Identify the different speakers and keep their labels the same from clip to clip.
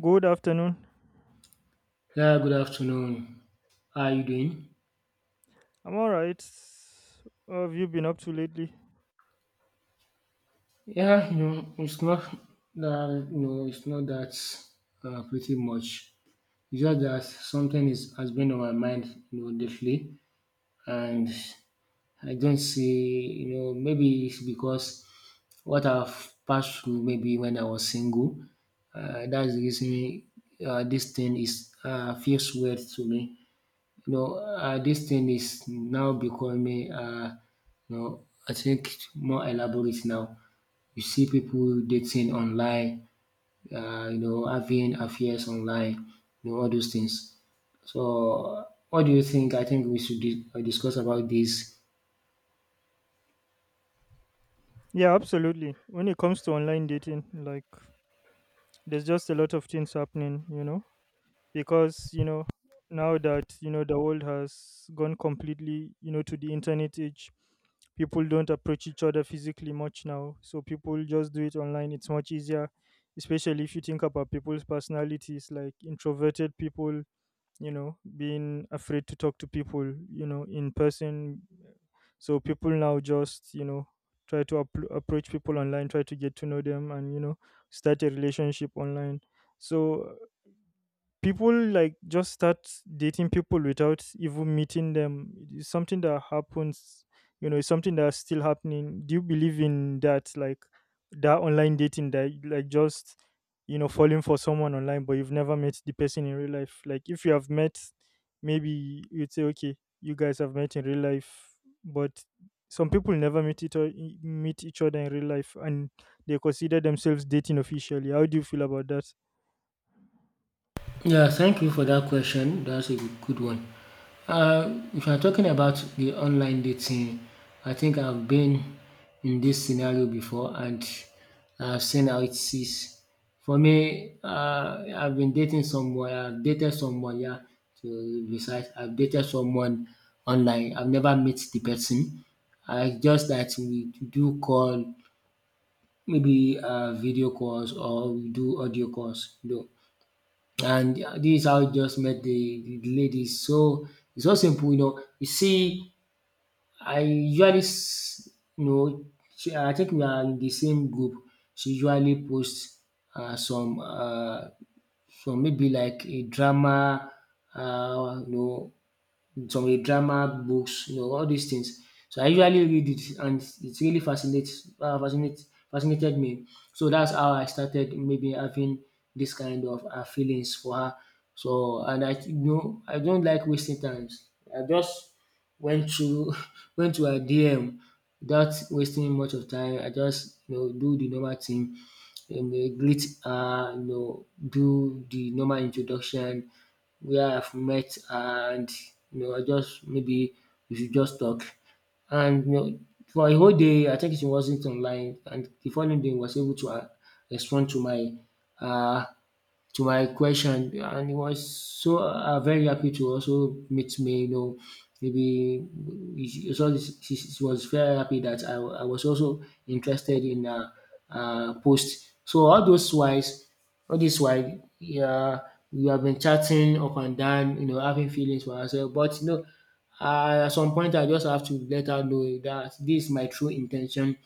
Speaker 1: Good afternoon.
Speaker 2: Yeah, good afternoon. How are you doing?
Speaker 1: I'm all right. What have you been up to lately?
Speaker 2: Yeah, you know, it's not that you know, it's not that pretty much. It's just that something is has been on my mind, you know, lately, and I don't see, you know, maybe it's because what I've passed through, maybe when I was single, that's the reason this thing is feels weird to me. This thing is now becoming, you know, I think more elaborate now. You see people dating online, having affairs online, you know, all those things. So, what do you think? I think we should discuss about this.
Speaker 1: Yeah, absolutely. When it comes to online dating, like there's just a lot of things happening, you know, because you know now that you know the world has gone completely, you know, to the internet age. People don't approach each other physically much now, so people just do it online. It's much easier, especially if you think about people's personalities, like introverted people you know being afraid to talk to people you know in person, so people now just you know try to approach people online, try to get to know them and you know start a relationship online. So people like just start dating people without even meeting them. It's something that happens, you know, it's something that's still happening. Do you believe in that, like that online dating that like just you know falling for someone online but you've never met the person in real life? Like if you have met, maybe you'd say okay, you guys have met in real life, but some people never meet each other in real life and they consider themselves dating officially. How do you feel about that?
Speaker 2: Yeah, thank you for that question. That's a good one. If you're talking about the online dating, I think I've been in this scenario before, and I've seen how it is. For me, I've dated someone, yeah, to be precise. I've dated someone online. I've never met the person. I just that we do call, maybe video calls, or we do audio calls, you know, and yeah, this is how he just met the ladies. So it's so simple, you know. You see, I usually, s- you know, she, I think we are in the same group. She usually posts uh, some, uh, some maybe like a drama, uh, you know, some with drama books, you know, all these things. So I usually read it, and it really fascinated me. So that's how I started maybe having this kind of feelings for her. So, and I, you know, I don't like wasting times. I just went to went to her DM without wasting much of time. I just, you know, do the normal thing, um greet her, you know, do the normal introduction, where I've met her, and you know, I just maybe we should just talk. And you know, for a whole day, I think she wasn't online, and the following day, was able to respond uh, to my question, and he was so very happy to also meet me, you know. Maybe he, so he she was very happy that I was also interested in her post. So all those wise, all this while, yeah, we have been chatting up and down, you know, having feelings for ourselves, but you know, at some point I just have to let her know that this is my true intention,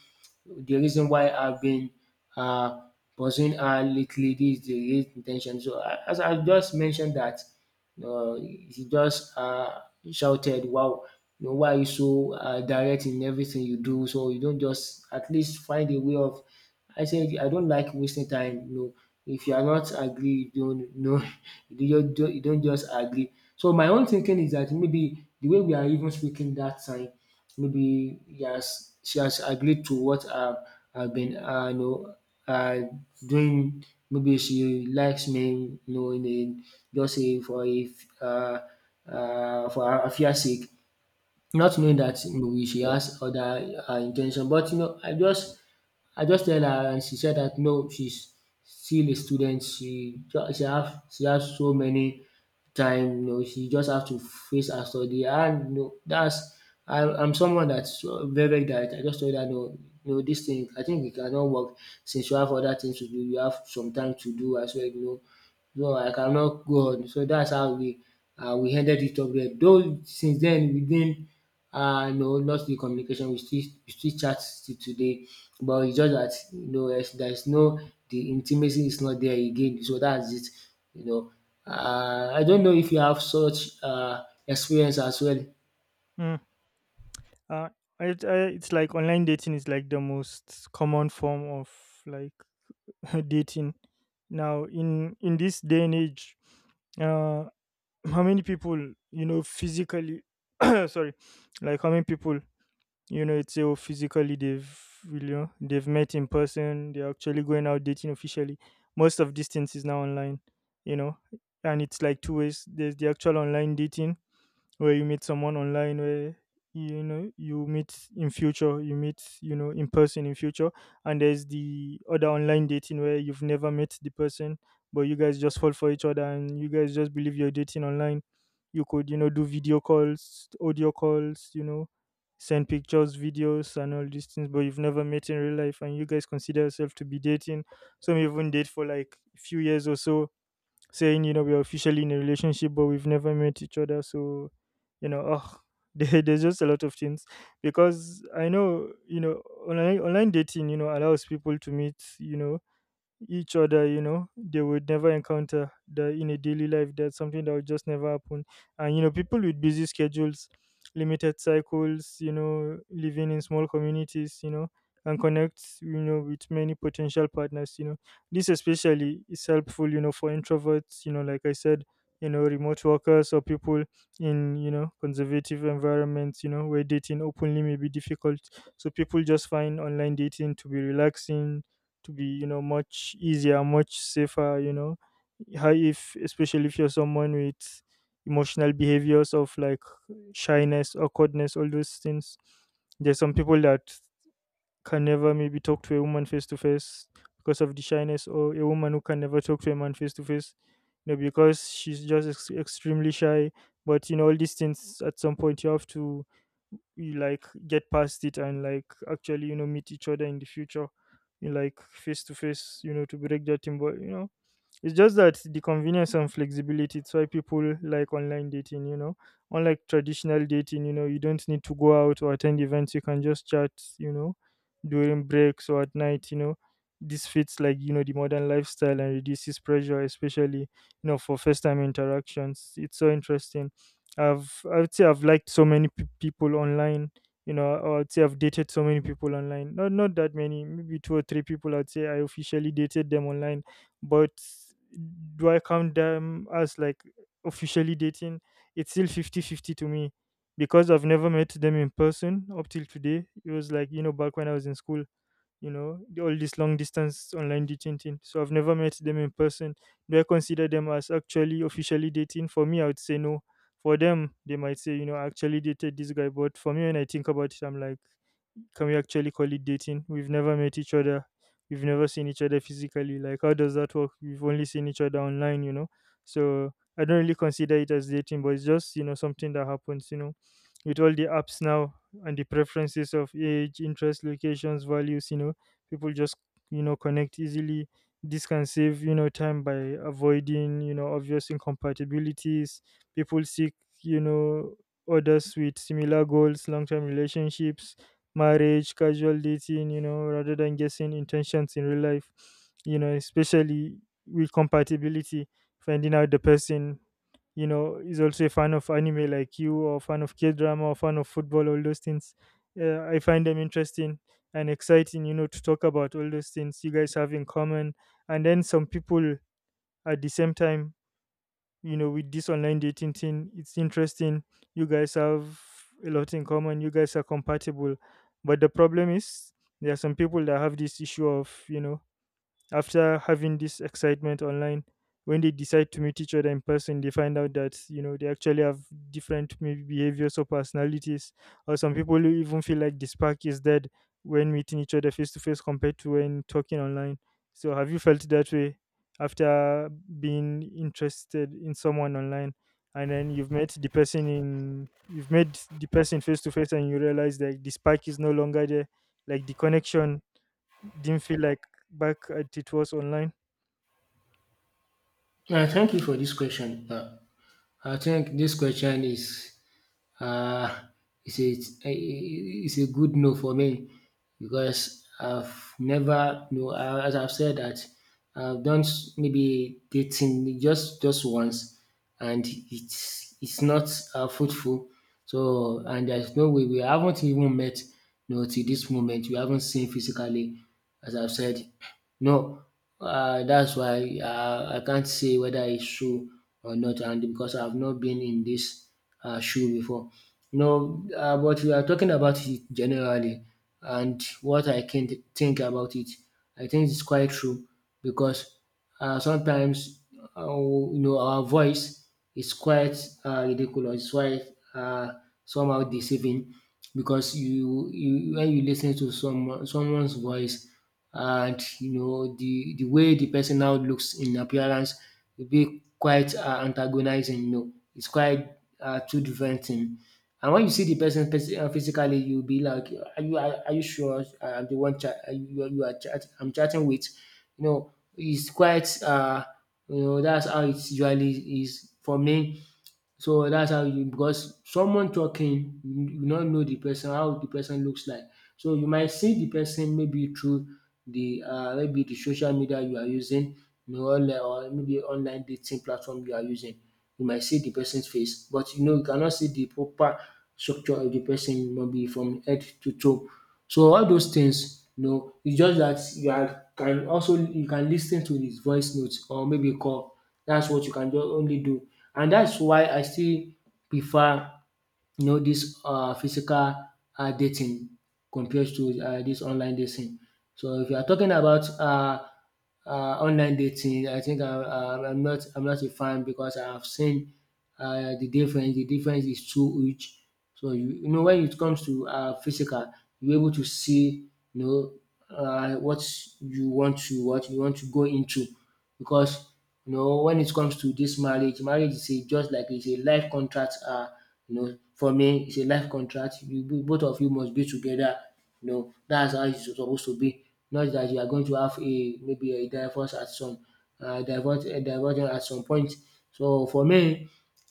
Speaker 2: the reason why I've been uh, pursuing her lately. This is the real intention. So as I just mentioned that, he just shouted, "Wow, you know, why are you so direct in everything you do? So you don't just at least find a way of." I said, "I don't like wasting time. You know, if you are not agree, you don't know. You don't just agree." So my own thinking is that maybe the way we are even speaking that time, maybe yes, she has agreed to what I've been, uh, doing. Maybe she likes me, you know, in a, just a, for a f- for her fear sake, not knowing that, you know, she has other intention. But you know, I just, I just tell her, and she said that no, she's still a student. She just she has so many time. You know, she just have to face her study. And no, that's, I'm someone that's very, very direct. I just told her no, no, this thing I think it cannot work, since you have other things to do. You have some time to do as well. You know, no, I cannot go on. So that's how we ended it up there. Though since then we didn't no lost the communication. We still chat to today, but it's just that, you know, there's no, the intimacy is not there again. So that's it. You know, I don't know if you have such experience as well.
Speaker 1: Uh, it's like online dating is like the most common form of like dating. Now, in this day and age, uh, how many people you know physically? Sorry, like how many people you know? It's oh physically they've you know they've met in person. They're actually going out dating officially. Most of distance is now online. You know, and it's like two ways. There's the actual online dating where you meet someone online where you know you meet in future, you meet you know in person in future, and there's the other online dating where you've never met the person but you guys just fall for each other and you guys just believe you're dating online. You could you know do video calls, audio calls, you know, send pictures, videos and all these things, but you've never met in real life and you guys consider yourself to be dating. Some even date for like a few years or so, saying, you know, we're officially in a relationship, but we've never met each other. So, you know, oh, there's just a lot of things because I know, you know, online dating, you know, allows people to meet, you know, each other, you know, they would never encounter that in a daily life. That's something that would just never happen. And you know people with busy schedules, limited cycles, you know, living in small communities, you know, and connect, you know, with many potential partners, you know. This especially is helpful, you know, for introverts, you know, like I said, you know, remote workers or people in you know conservative environments, you know, where dating openly may be difficult. So people just find online dating to be relaxing, to be you know much easier, much safer, you know. How, if especially if you're someone with emotional behaviors of like shyness, awkwardness, all those things, there's some people that can never maybe talk to a woman face to face because of the shyness, or a woman who can never talk to a man face to face, you know, because she's just extremely shy. But you know, all these things at some point you have to, you like get past it and like actually you know meet each other in the future, you know, like face to face, you know, to break that thing. But you know it's just that the convenience and flexibility, it's why people like online dating, you know. Unlike traditional dating, you know, you don't need to go out or attend events, you can just chat, you know, during breaks or at night, you know. This fits like, you know, the modern lifestyle and reduces pressure, especially, you know, for first time interactions. It's so interesting. I would say I've liked so many people online, you know, or I'd say I've dated so many people online. Not that many, maybe two or three people I'd say I officially dated them online, but do I count them as like officially dating? It's still 50-50 to me because I've never met them in person up till today. It was like, you know, back when I was in school, you know, all this long distance online dating thing. So I've never met them in person. Do I consider them as actually officially dating? For me, I would say no. For them, they might say, you know, I actually dated this guy. But for me, when I think about it, I'm like, can we actually call it dating? We've never met each other. We've never seen each other physically. Like, how does that work? We've only seen each other online, you know? So I don't really consider it as dating, but it's just, you know, something that happens, you know, with all the apps now and the preferences of age, interest, locations, values, you know, people just, you know, connect easily. This can save, you know, time by avoiding, you know, obvious incompatibilities. People seek, you know, others with similar goals, long term relationships, marriage, casual dating, you know, rather than guessing intentions in real life, you know, especially with compatibility, finding out the person, you know, is also a fan of anime like you, or fan of K drama, or fan of football, all those things. I find them interesting and exciting, you know, to talk about all those things you guys have in common. And then some people at the same time you know with this online dating thing, it's interesting, you guys have a lot in common, you guys are compatible, but the problem is there are some people that have this issue of, you know, after having this excitement online, when they decide to meet each other in person, they find out that you know they actually have different maybe behaviors or personalities, or some people who even feel like the spark is dead when meeting each other face to face compared to when talking online. So have you felt that way after being interested in someone online, and then you've met the person in you've met the person face to face and you realize that the spark is no longer there, like the connection didn't feel like back at it was online.
Speaker 2: Thank you for this question. I think this question is, Uh, it's a, it's a good no for me, because I've never no, as I've said that, I've done maybe dating just once, and it's not fruitful. So, and there's no way. We haven't even met, you know, till this moment. We haven't seen physically, as I've said. No, that's why I can't say whether it's true or not, and because I've not been in this shoe before. No, but we are talking about it generally, and what I can think about it, I think it's quite true, because sometimes, you know, our voice is quite ridiculous, it's quite uh, somehow deceiving, because you when you listen to someone's voice, and you know the way the person now looks in appearance will be quite antagonizing. You know, it's quite two different thing. And when you see the person physically, you'll be like, "Are are you sure I'm the one you are I'm chatting with?" You know, it's quite you know, that's how it usually is for me. So that's how you, because someone talking, you not know the person, how the person looks like. So you might see the person maybe through the maybe the social media you are using, you know, online, or maybe online dating platform you are using. You might see the person's face, but you know, you cannot see the proper structure of the person maybe from head to toe. So all those things, you know, it's just that you are can also, you can listen to his voice notes or maybe call, that's what you can just only do. And that's why I still prefer, you know, this physical dating compared to this online dating. So if you are talking about uh online dating, I think I'm not I'm not a fan, because I have seen the difference. The difference is too huge. So you know, when it comes to physical, you're able to see, you know, what you want to, what you want to go into, because you know, when it comes to this marriage, marriage is a, just like it's a life contract. You know, for me, it's a life contract. You both of you must be together. You know, that's how it's supposed to be. Not that you are going to have a maybe a divorce at some divorce at some point. So for me,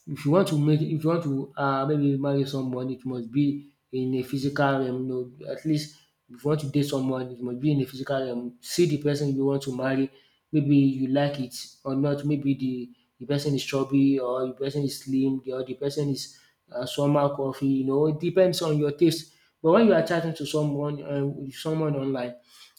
Speaker 2: if you want to make, if you want to maybe marry someone, it must be in a physical realm. No, at least if you want to date someone, it must be in a physical realm. See the person you want to marry, maybe you like it or not, maybe the person is chubby, or the person is slim, or the person is somehow curvy. You know, it depends on your taste. But when you are chatting to someone, with someone online,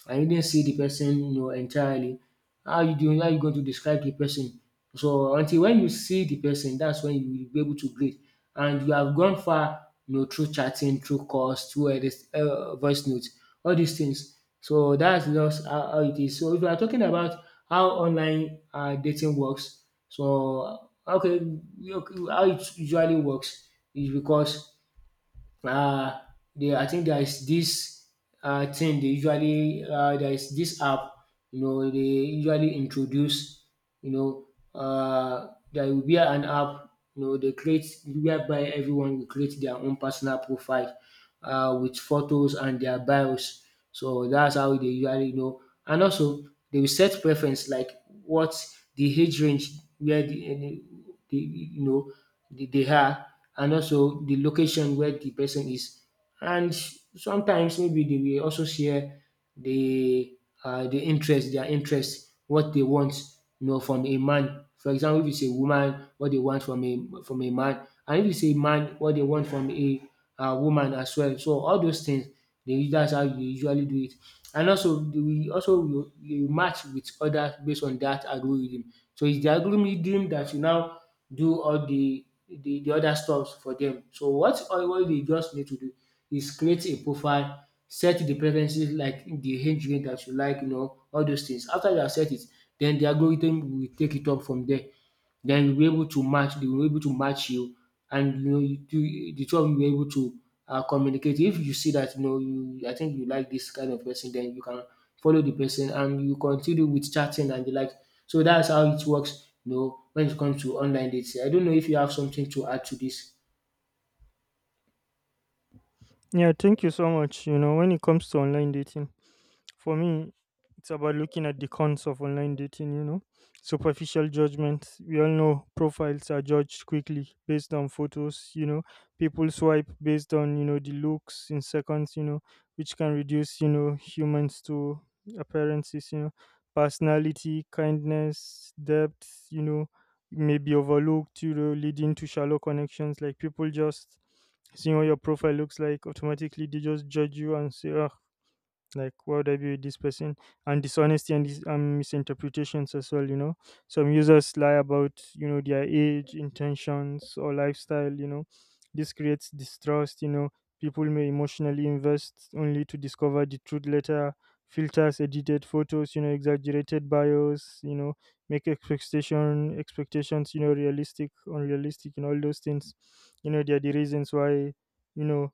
Speaker 2: and you didn't see the person, you know, entirely, how you doing, how you going to describe the person? So until when you see the person, that's when you will be able to grade, and you have gone far, you know, through chatting, through calls, through all this voice notes, all these things. So that's just how it is. So if you are talking about how online dating works, so okay, okay, how it usually works is because uh, they. I think there is this thing they usually there is this app, you know, they usually introduce, you know there will be an app, you know, they create, whereby everyone will create their own personal profile, with photos and their bios. So that's how they usually know. And also they will set preference, like what the age range where the you know they are, and also the location where the person is. And sometimes maybe they will also share the their interest, what they want, you know, from a man. For example, if it's a woman, what they want from a man, and if it's a man, what they want from a woman as well. So all those things, that's how you usually do it. And also, they will also, you match with others based on that algorithm. So it's the algorithm that you now do all the other stuffs for them. So what they just need to do is create a profile, set the preferences like the age range that you like, you know, all those things. After you have set it, then the algorithm will take it up from there. Then you'll able to match, they will able to match you and you know you do the two of you will able to communicate. If you see that you know you I think you like this kind of person, then you can follow the person and you continue with chatting and the like. So that's how it works, you know, when it comes to online dating. I don't know if you have something to add to this.
Speaker 1: Yeah, thank you so much. You know, when it comes to online dating, for me, it's about looking at the cons of online dating, you know, superficial judgments. We all know profiles are judged quickly based on photos, you know, people swipe based on, you know, the looks in seconds, you know, which can reduce, you know, humans to appearances, you know, personality, kindness, depth, you know, may be overlooked, you know, leading to shallow connections. Like people just seeing what your profile looks like, automatically they just judge you and say, oh, like why would I be with this person. And dishonesty and, and misinterpretations as well, you know, some users lie about you know their age, intentions or lifestyle, you know. This creates distrust, you know, people may emotionally invest only to discover the truth later. Filters, edited photos, you know, exaggerated bios, you know, make expectations, you know, realistic, unrealistic and all those things, you know. They are the reasons why you know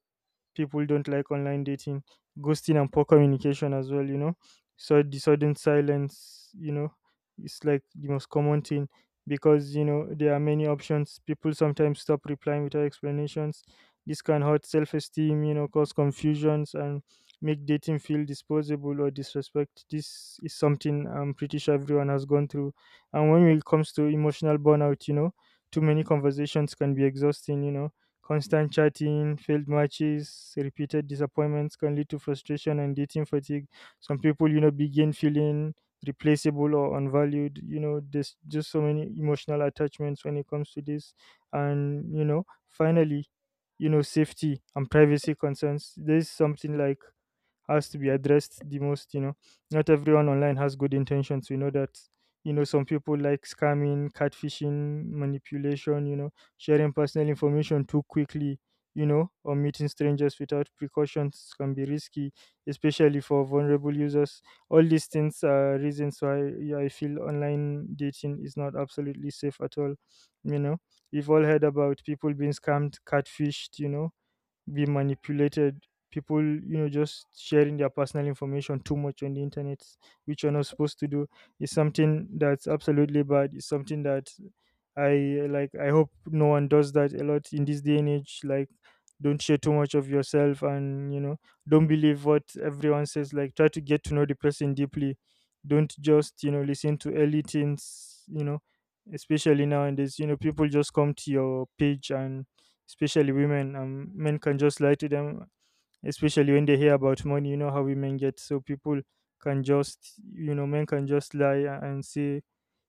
Speaker 1: people don't like online dating, ghosting and poor communication as well, you know. So the sudden silence, you know, it's like the most common thing because you know there are many options. People sometimes stop replying without explanations. This can hurt self esteem, you know, cause confusions and make dating feel disposable or disrespect. This is something I'm pretty sure everyone has gone through. And when it comes to emotional burnout, you know, too many conversations can be exhausting, you know. Constant chatting, failed matches, repeated disappointments can lead to frustration and dating fatigue. Some people, you know, begin feeling replaceable or unvalued. You know, there's just so many emotional attachments when it comes to this. And, you know, finally, you know, safety and privacy concerns. There's something like has to be addressed the most, you know. Not everyone online has good intentions. We know that, you know, some people like scamming, catfishing, manipulation, you know. Sharing personal information too quickly, you know, or meeting strangers without precautions can be risky, especially for vulnerable users. All these things are reasons why yeah, I feel online dating is not absolutely safe at all. You know, we've all heard about people being scammed, catfished, be manipulated, people just sharing their personal information too much on the internet, which you're not supposed to do, is something that's absolutely bad. It's something that i I hope no one does that a lot in this day and age. Like, don't share too much of yourself, and don't believe what everyone says. Like, try to get to know the person deeply. Don't just listen to early things. Especially nowadays, people just come to your page, and especially women. Men can just lie to them, especially when they hear about money. You know how women get, so people can just, men can just lie and say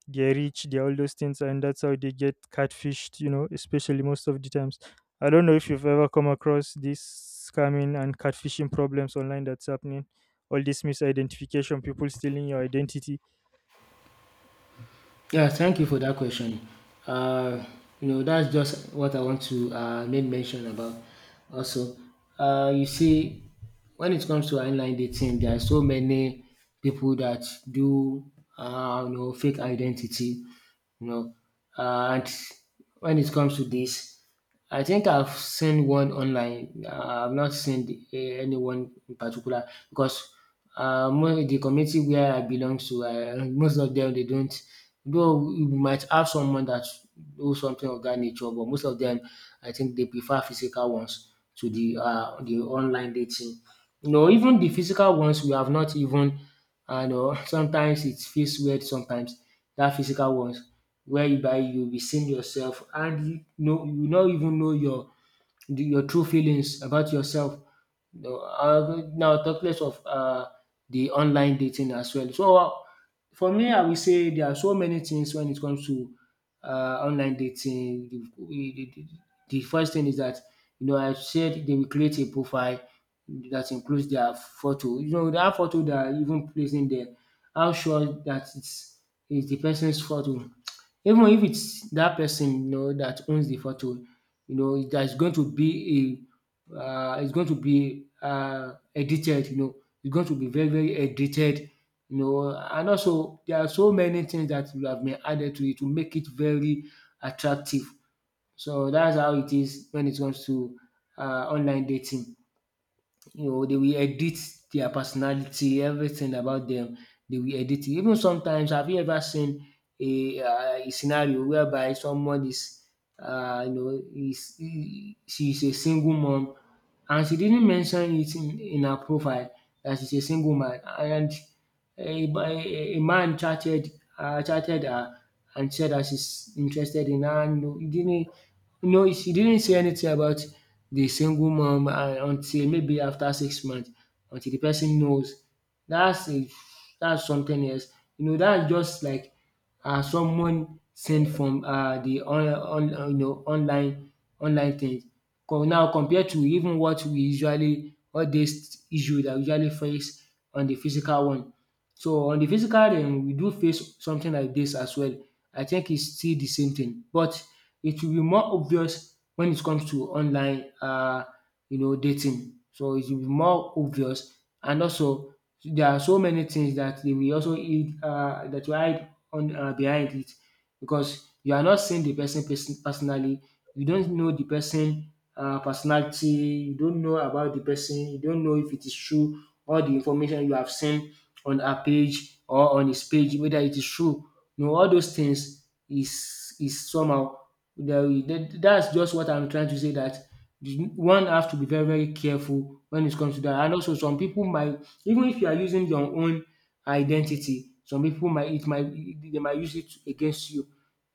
Speaker 1: they're rich, they're all those things, and that's how they get catfished. You know, especially most of the times. I don't know if you've ever come across this scamming and catfishing problems online that's happening. All this misidentification, people stealing your identity.
Speaker 2: Yeah, thank you for that question. Uh, you know, that's just what I want to make mention about. Also, you see, when it comes to online dating, there are so many people that do, you know, fake identity. You know, and when it comes to this, I think I've seen one online. I've not seen anyone in particular because the community where I belong to, most of them they don't. Though we might have someone that do something of that nature, but most of them, I think they prefer physical ones to the online dating. You know, even the physical ones we have not even I know. Sometimes it feels weird sometimes that physical ones whereby you'll be seeing yourself and you know you not even know your true feelings about yourself. No, Now, talk less of the online dating as well. So, for me, I will say there are so many things when it comes to online dating. The first thing is that, you know, I said they will create a profile that includes their photo. You know, that photo they are even placing there, how sure that it's the person's photo. Even if it's that person, you know, that owns the photo, you know that's going to be a it's going to be edited. You know, it's going to be very very edited, you know, and also there are so many things that will have been added to it to make it very attractive. So that's how it is when it comes to online dating. You know, they will edit their personality, everything about them, they will edit it. Even sometimes have you ever seen a scenario whereby someone is, you know, she is a single mom and she didn't mention it in her profile that she's a single man and a man chatted chatted her and said that she's interested in her. No, he didn't, no, she didn't say anything about the single mom until maybe after 6 months, until the person knows. That's a, that's something else. You know, that's just like someone sent from the you know online, online things. Now compared to even what we usually all these issue that we usually face on the physical one, so on the physical realm, we do face something like this as well. I think it's still the same thing, but it will be more obvious when it comes to online, you know, dating. So it will be more obvious, and also there are so many things that they will also eat, that you hide on behind it, because you are not seeing the person personally. You don't know the person personality. You don't know about the person. You don't know if it is true. All the information you have seen on her page or on his page whether it is true. No, all those things is somehow that's just what I'm trying to say, that one have to be very very careful when it comes to that. And also, some people might, even if you are using your own identity, some people might, it might they might use it against you.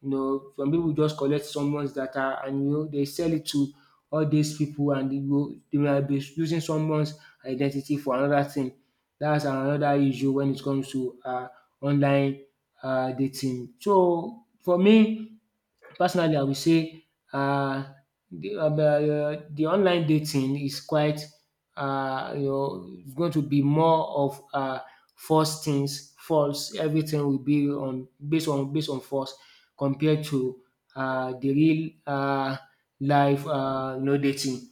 Speaker 2: You know, some people just collect someone's data and you know they sell it to all these people and they will they might be using someone's identity for another thing. That's another issue when it comes to online dating. So for me personally I would say uh the online dating is quite you know is going to be more of false things, false, everything will be on based on false compared to the real life no dating.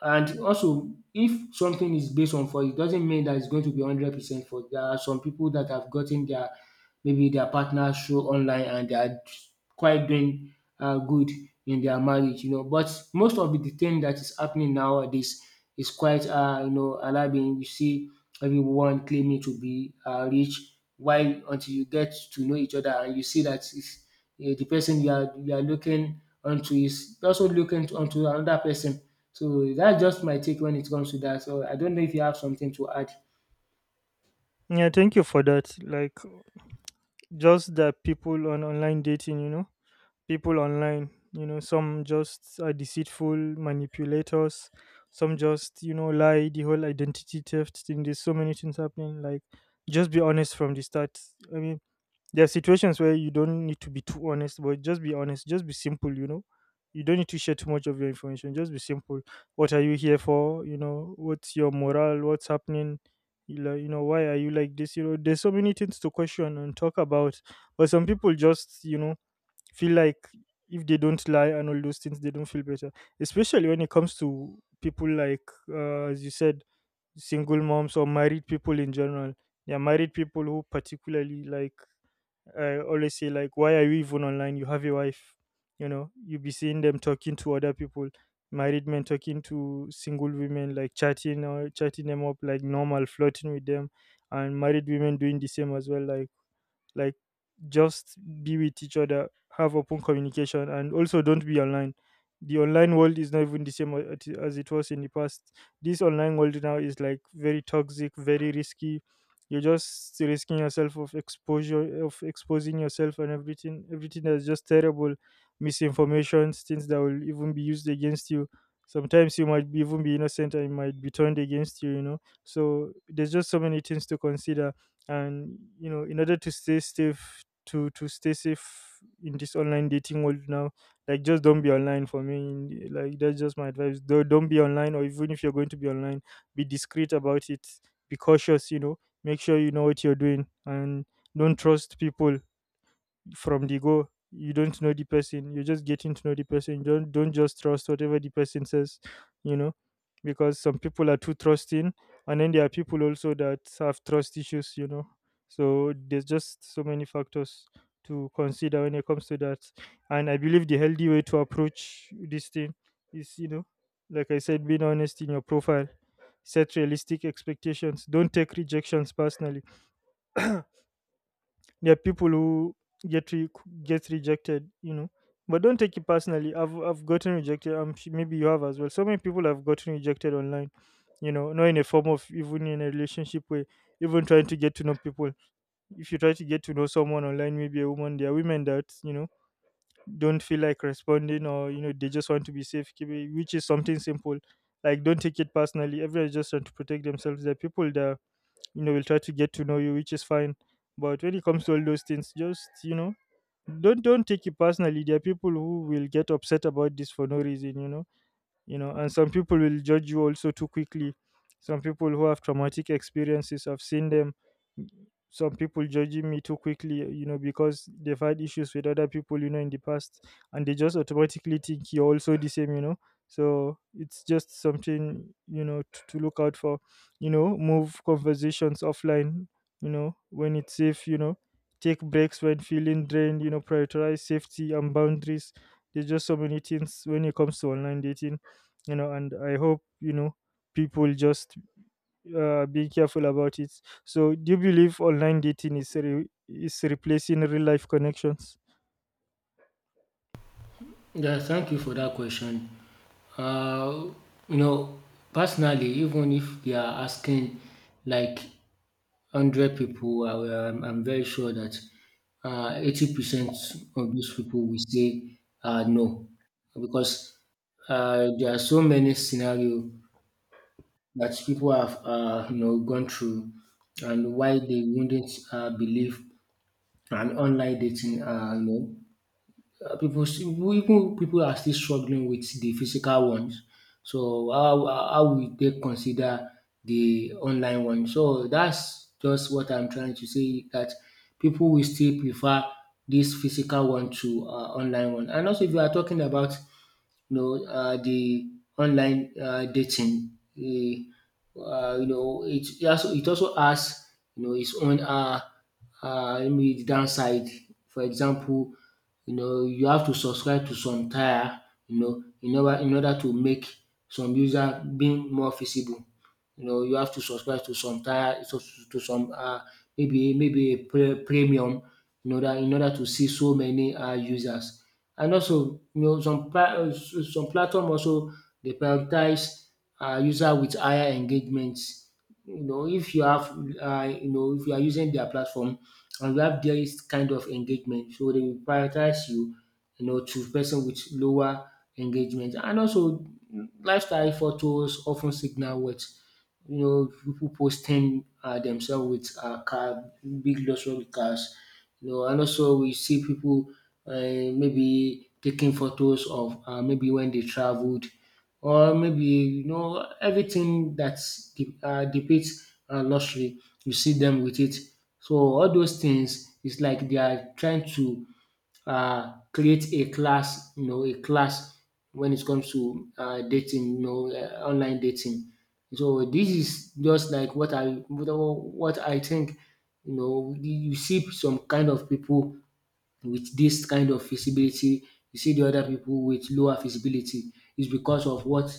Speaker 2: And also, if something is based on for it doesn't mean that it's going to be 100% for. There are some people that have gotten their maybe their partner show online and they are quite doing good in their marriage, you know. But most of the thing that is happening nowadays is quite, you know, alarming. You see everyone claiming to be rich, while until you get to know each other and you see that it's, the person you are looking onto is also looking onto another person. So that's just my take when it comes to that. So I don't know if you have something to add.
Speaker 1: Yeah, thank you for that. Like, just that people on online dating, people online. You know, some just are deceitful manipulators. Some just lie. The whole identity theft thing. There's so many things happening. Like, just be honest from the start. I mean, there are situations where you don't need to be too honest, but just be honest. Just be simple. You know, you don't need to share too much of your information. Just be simple. What are you here for? You know, what's your morale? What's happening? You know, why are you like this? You know, there's so many things to question and talk about, but some people just feel like if they don't lie and all those things, they don't feel better. Especially when it comes to people like, as you said, single moms or married people in general. Yeah, married people who particularly, like, I always say, like, why are you even online? You have a wife. You know, you be seeing them talking to other people, married men talking to single women, like chatting or chatting them up like normal, flirting with them, and married women doing the same as well, like like just be with each other, have open communication, and also don't be online. The online world is not even the same as it was in the past. This online world now is like very toxic, very risky. You're just risking yourself of exposure, of exposing yourself, and everything that's just terrible. Misinformation, things that will even be used against you. Sometimes you might be, even be innocent, and it might be turned against you, you know. So there's just so many things to consider, and you know, in order to stay safe, to stay safe in this online dating world now, like just don't be online. For me, like that's just my advice. Don't be online, or even if you're going to be online, be discreet about it. Be cautious, you know. Make sure you know what you're doing, and don't trust people from the go. You don't know the person. You're just getting to know the person. Don't just trust whatever the person says, you know, because some people are too trusting, and then there are people also that have trust issues, you know. So there's just so many factors to consider when it comes to that. And I believe the healthy way to approach this thing is, you know, like I said, being honest in your profile, set realistic expectations. Don't take rejections personally. There are people who get re- get rejected, you know, but don't take it personally. I've gotten rejected. I'm maybe you have as well. So many people have gotten rejected online, you know, not in a form of even in a relationship way, even trying to get to know people. If you try to get to know someone online, maybe a woman, there are women that, you know, don't feel like responding, or you know, they just want to be safe, which is something simple. Like, don't take it personally. Everyone's just trying to protect themselves. There are people that, you know, will try to get to know you, which is fine. But when it comes to all those things, just you know, don't take it personally. There are people who will get upset about this for no reason, you know. You know, and some people will judge you also too quickly. Some people who have traumatic experiences, I've seen them. Some people judging me too quickly, you know, because they've had issues with other people, you know, in the past, and they just automatically think you're also the same, you know. So it's just something, you know, to look out for. You know, move conversations offline, you know, when it's safe, you know. Take breaks when feeling drained, you know. Prioritize safety and boundaries. There's just so many things when it comes to online dating, you know, and I hope, you know, people just being careful about it. So do you believe online dating is replacing real life connections?
Speaker 2: Yeah, thank you for that question. Uh, you know, personally, even if they are asking like 100 people, I'm very sure that 80% of these people will say no, because there are so many scenarios that people have, you know, gone through and why they wouldn't believe an online dating. People still, even people are still struggling with the physical ones. So how will they consider the online one? So that's just what I'm trying to say, that people will still prefer this physical one to online one. And also, if you are talking about you know, the online dating. You know, it also, it also has you know its own maybe the downside. For example, you know, you have to subscribe to some tier, you know, in order to make some user being more feasible, you know, you have to subscribe to some tier to some maybe a premium in order to see so many users. And also you know some platform also they prioritize user with higher engagement. You know if you have you know if you are using their platform and you have this kind of engagement, so they will prioritize you, you know, to person with lower engagement. And also lifestyle photos often signal what, you know, people posting themselves with car, big luxury cars, you know, and also we see people maybe taking photos of maybe when they traveled, or maybe you know everything that depicts luxury, you see them with it. So all those things is like they are trying to create a class, you know, a class when it comes to dating, you know, online dating. So this is just like what I think. You know, you see some kind of people with this kind of feasibility. You see the other people with lower feasibility is because of what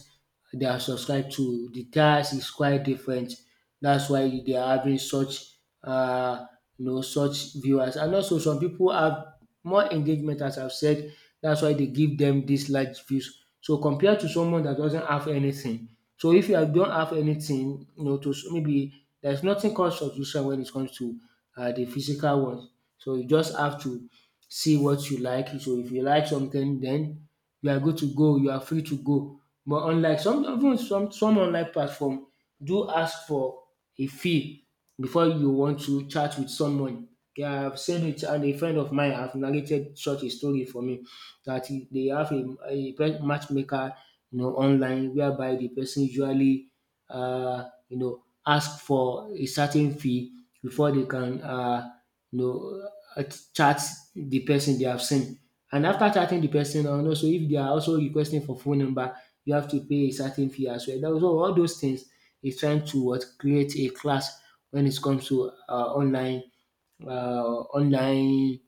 Speaker 2: they are subscribed to. The tax is quite different. That's why they are having such uh, you know such viewers. And also some people have more engagement as I've said. That's why they give them these large views. So compared to someone that doesn't have anything. So if you have- don't have anything, you know, maybe there's nothing called subscription when it comes to the physical ones. So you just have to see what you like. So if you like something, then you are good to go. You are free to go. But unlike some even some online platform do ask for a fee before you want to chat with someone. Yeah, I've said it, and a friend of mine have narrated such a story for me that they have a, matchmaker, you know, online whereby the person usually you know ask for a certain fee before they can you know uh, chat the person they have seen. And after chatting the person and also if they are also requesting for phone number you have to pay a certain fee as well. That was all those things is trying to what create a class when it comes to online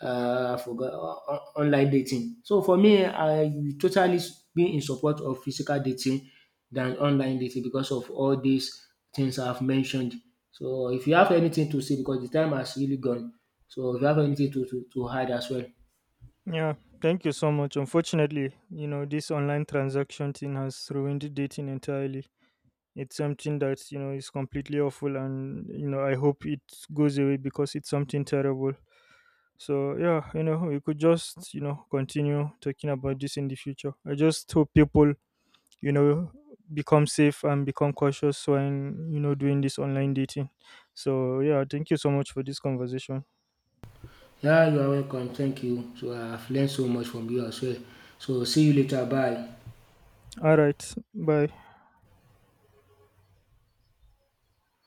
Speaker 2: forgo on online dating. So for me, I totally been in support of physical dating than online dating because of all these things I've mentioned. So if you have anything to say, because the time has really gone, so if you have anything to add as well.
Speaker 1: Yeah, thank you so much. Unfortunately, you know, this online transaction thing has ruined dating entirely. It's something that, you know, is completely awful, and you know, I hope it goes away because it's something terrible. So yeah, you know, we could just, you know, continue talking about this in the future. I just hope people, you know, become safe and become cautious when, you know, doing this online dating. So yeah, thank you so much for this conversation.
Speaker 2: Yeah, you are welcome. Thank you. So I've learned so much from you as well. So see you later. Bye.
Speaker 1: All right. Bye.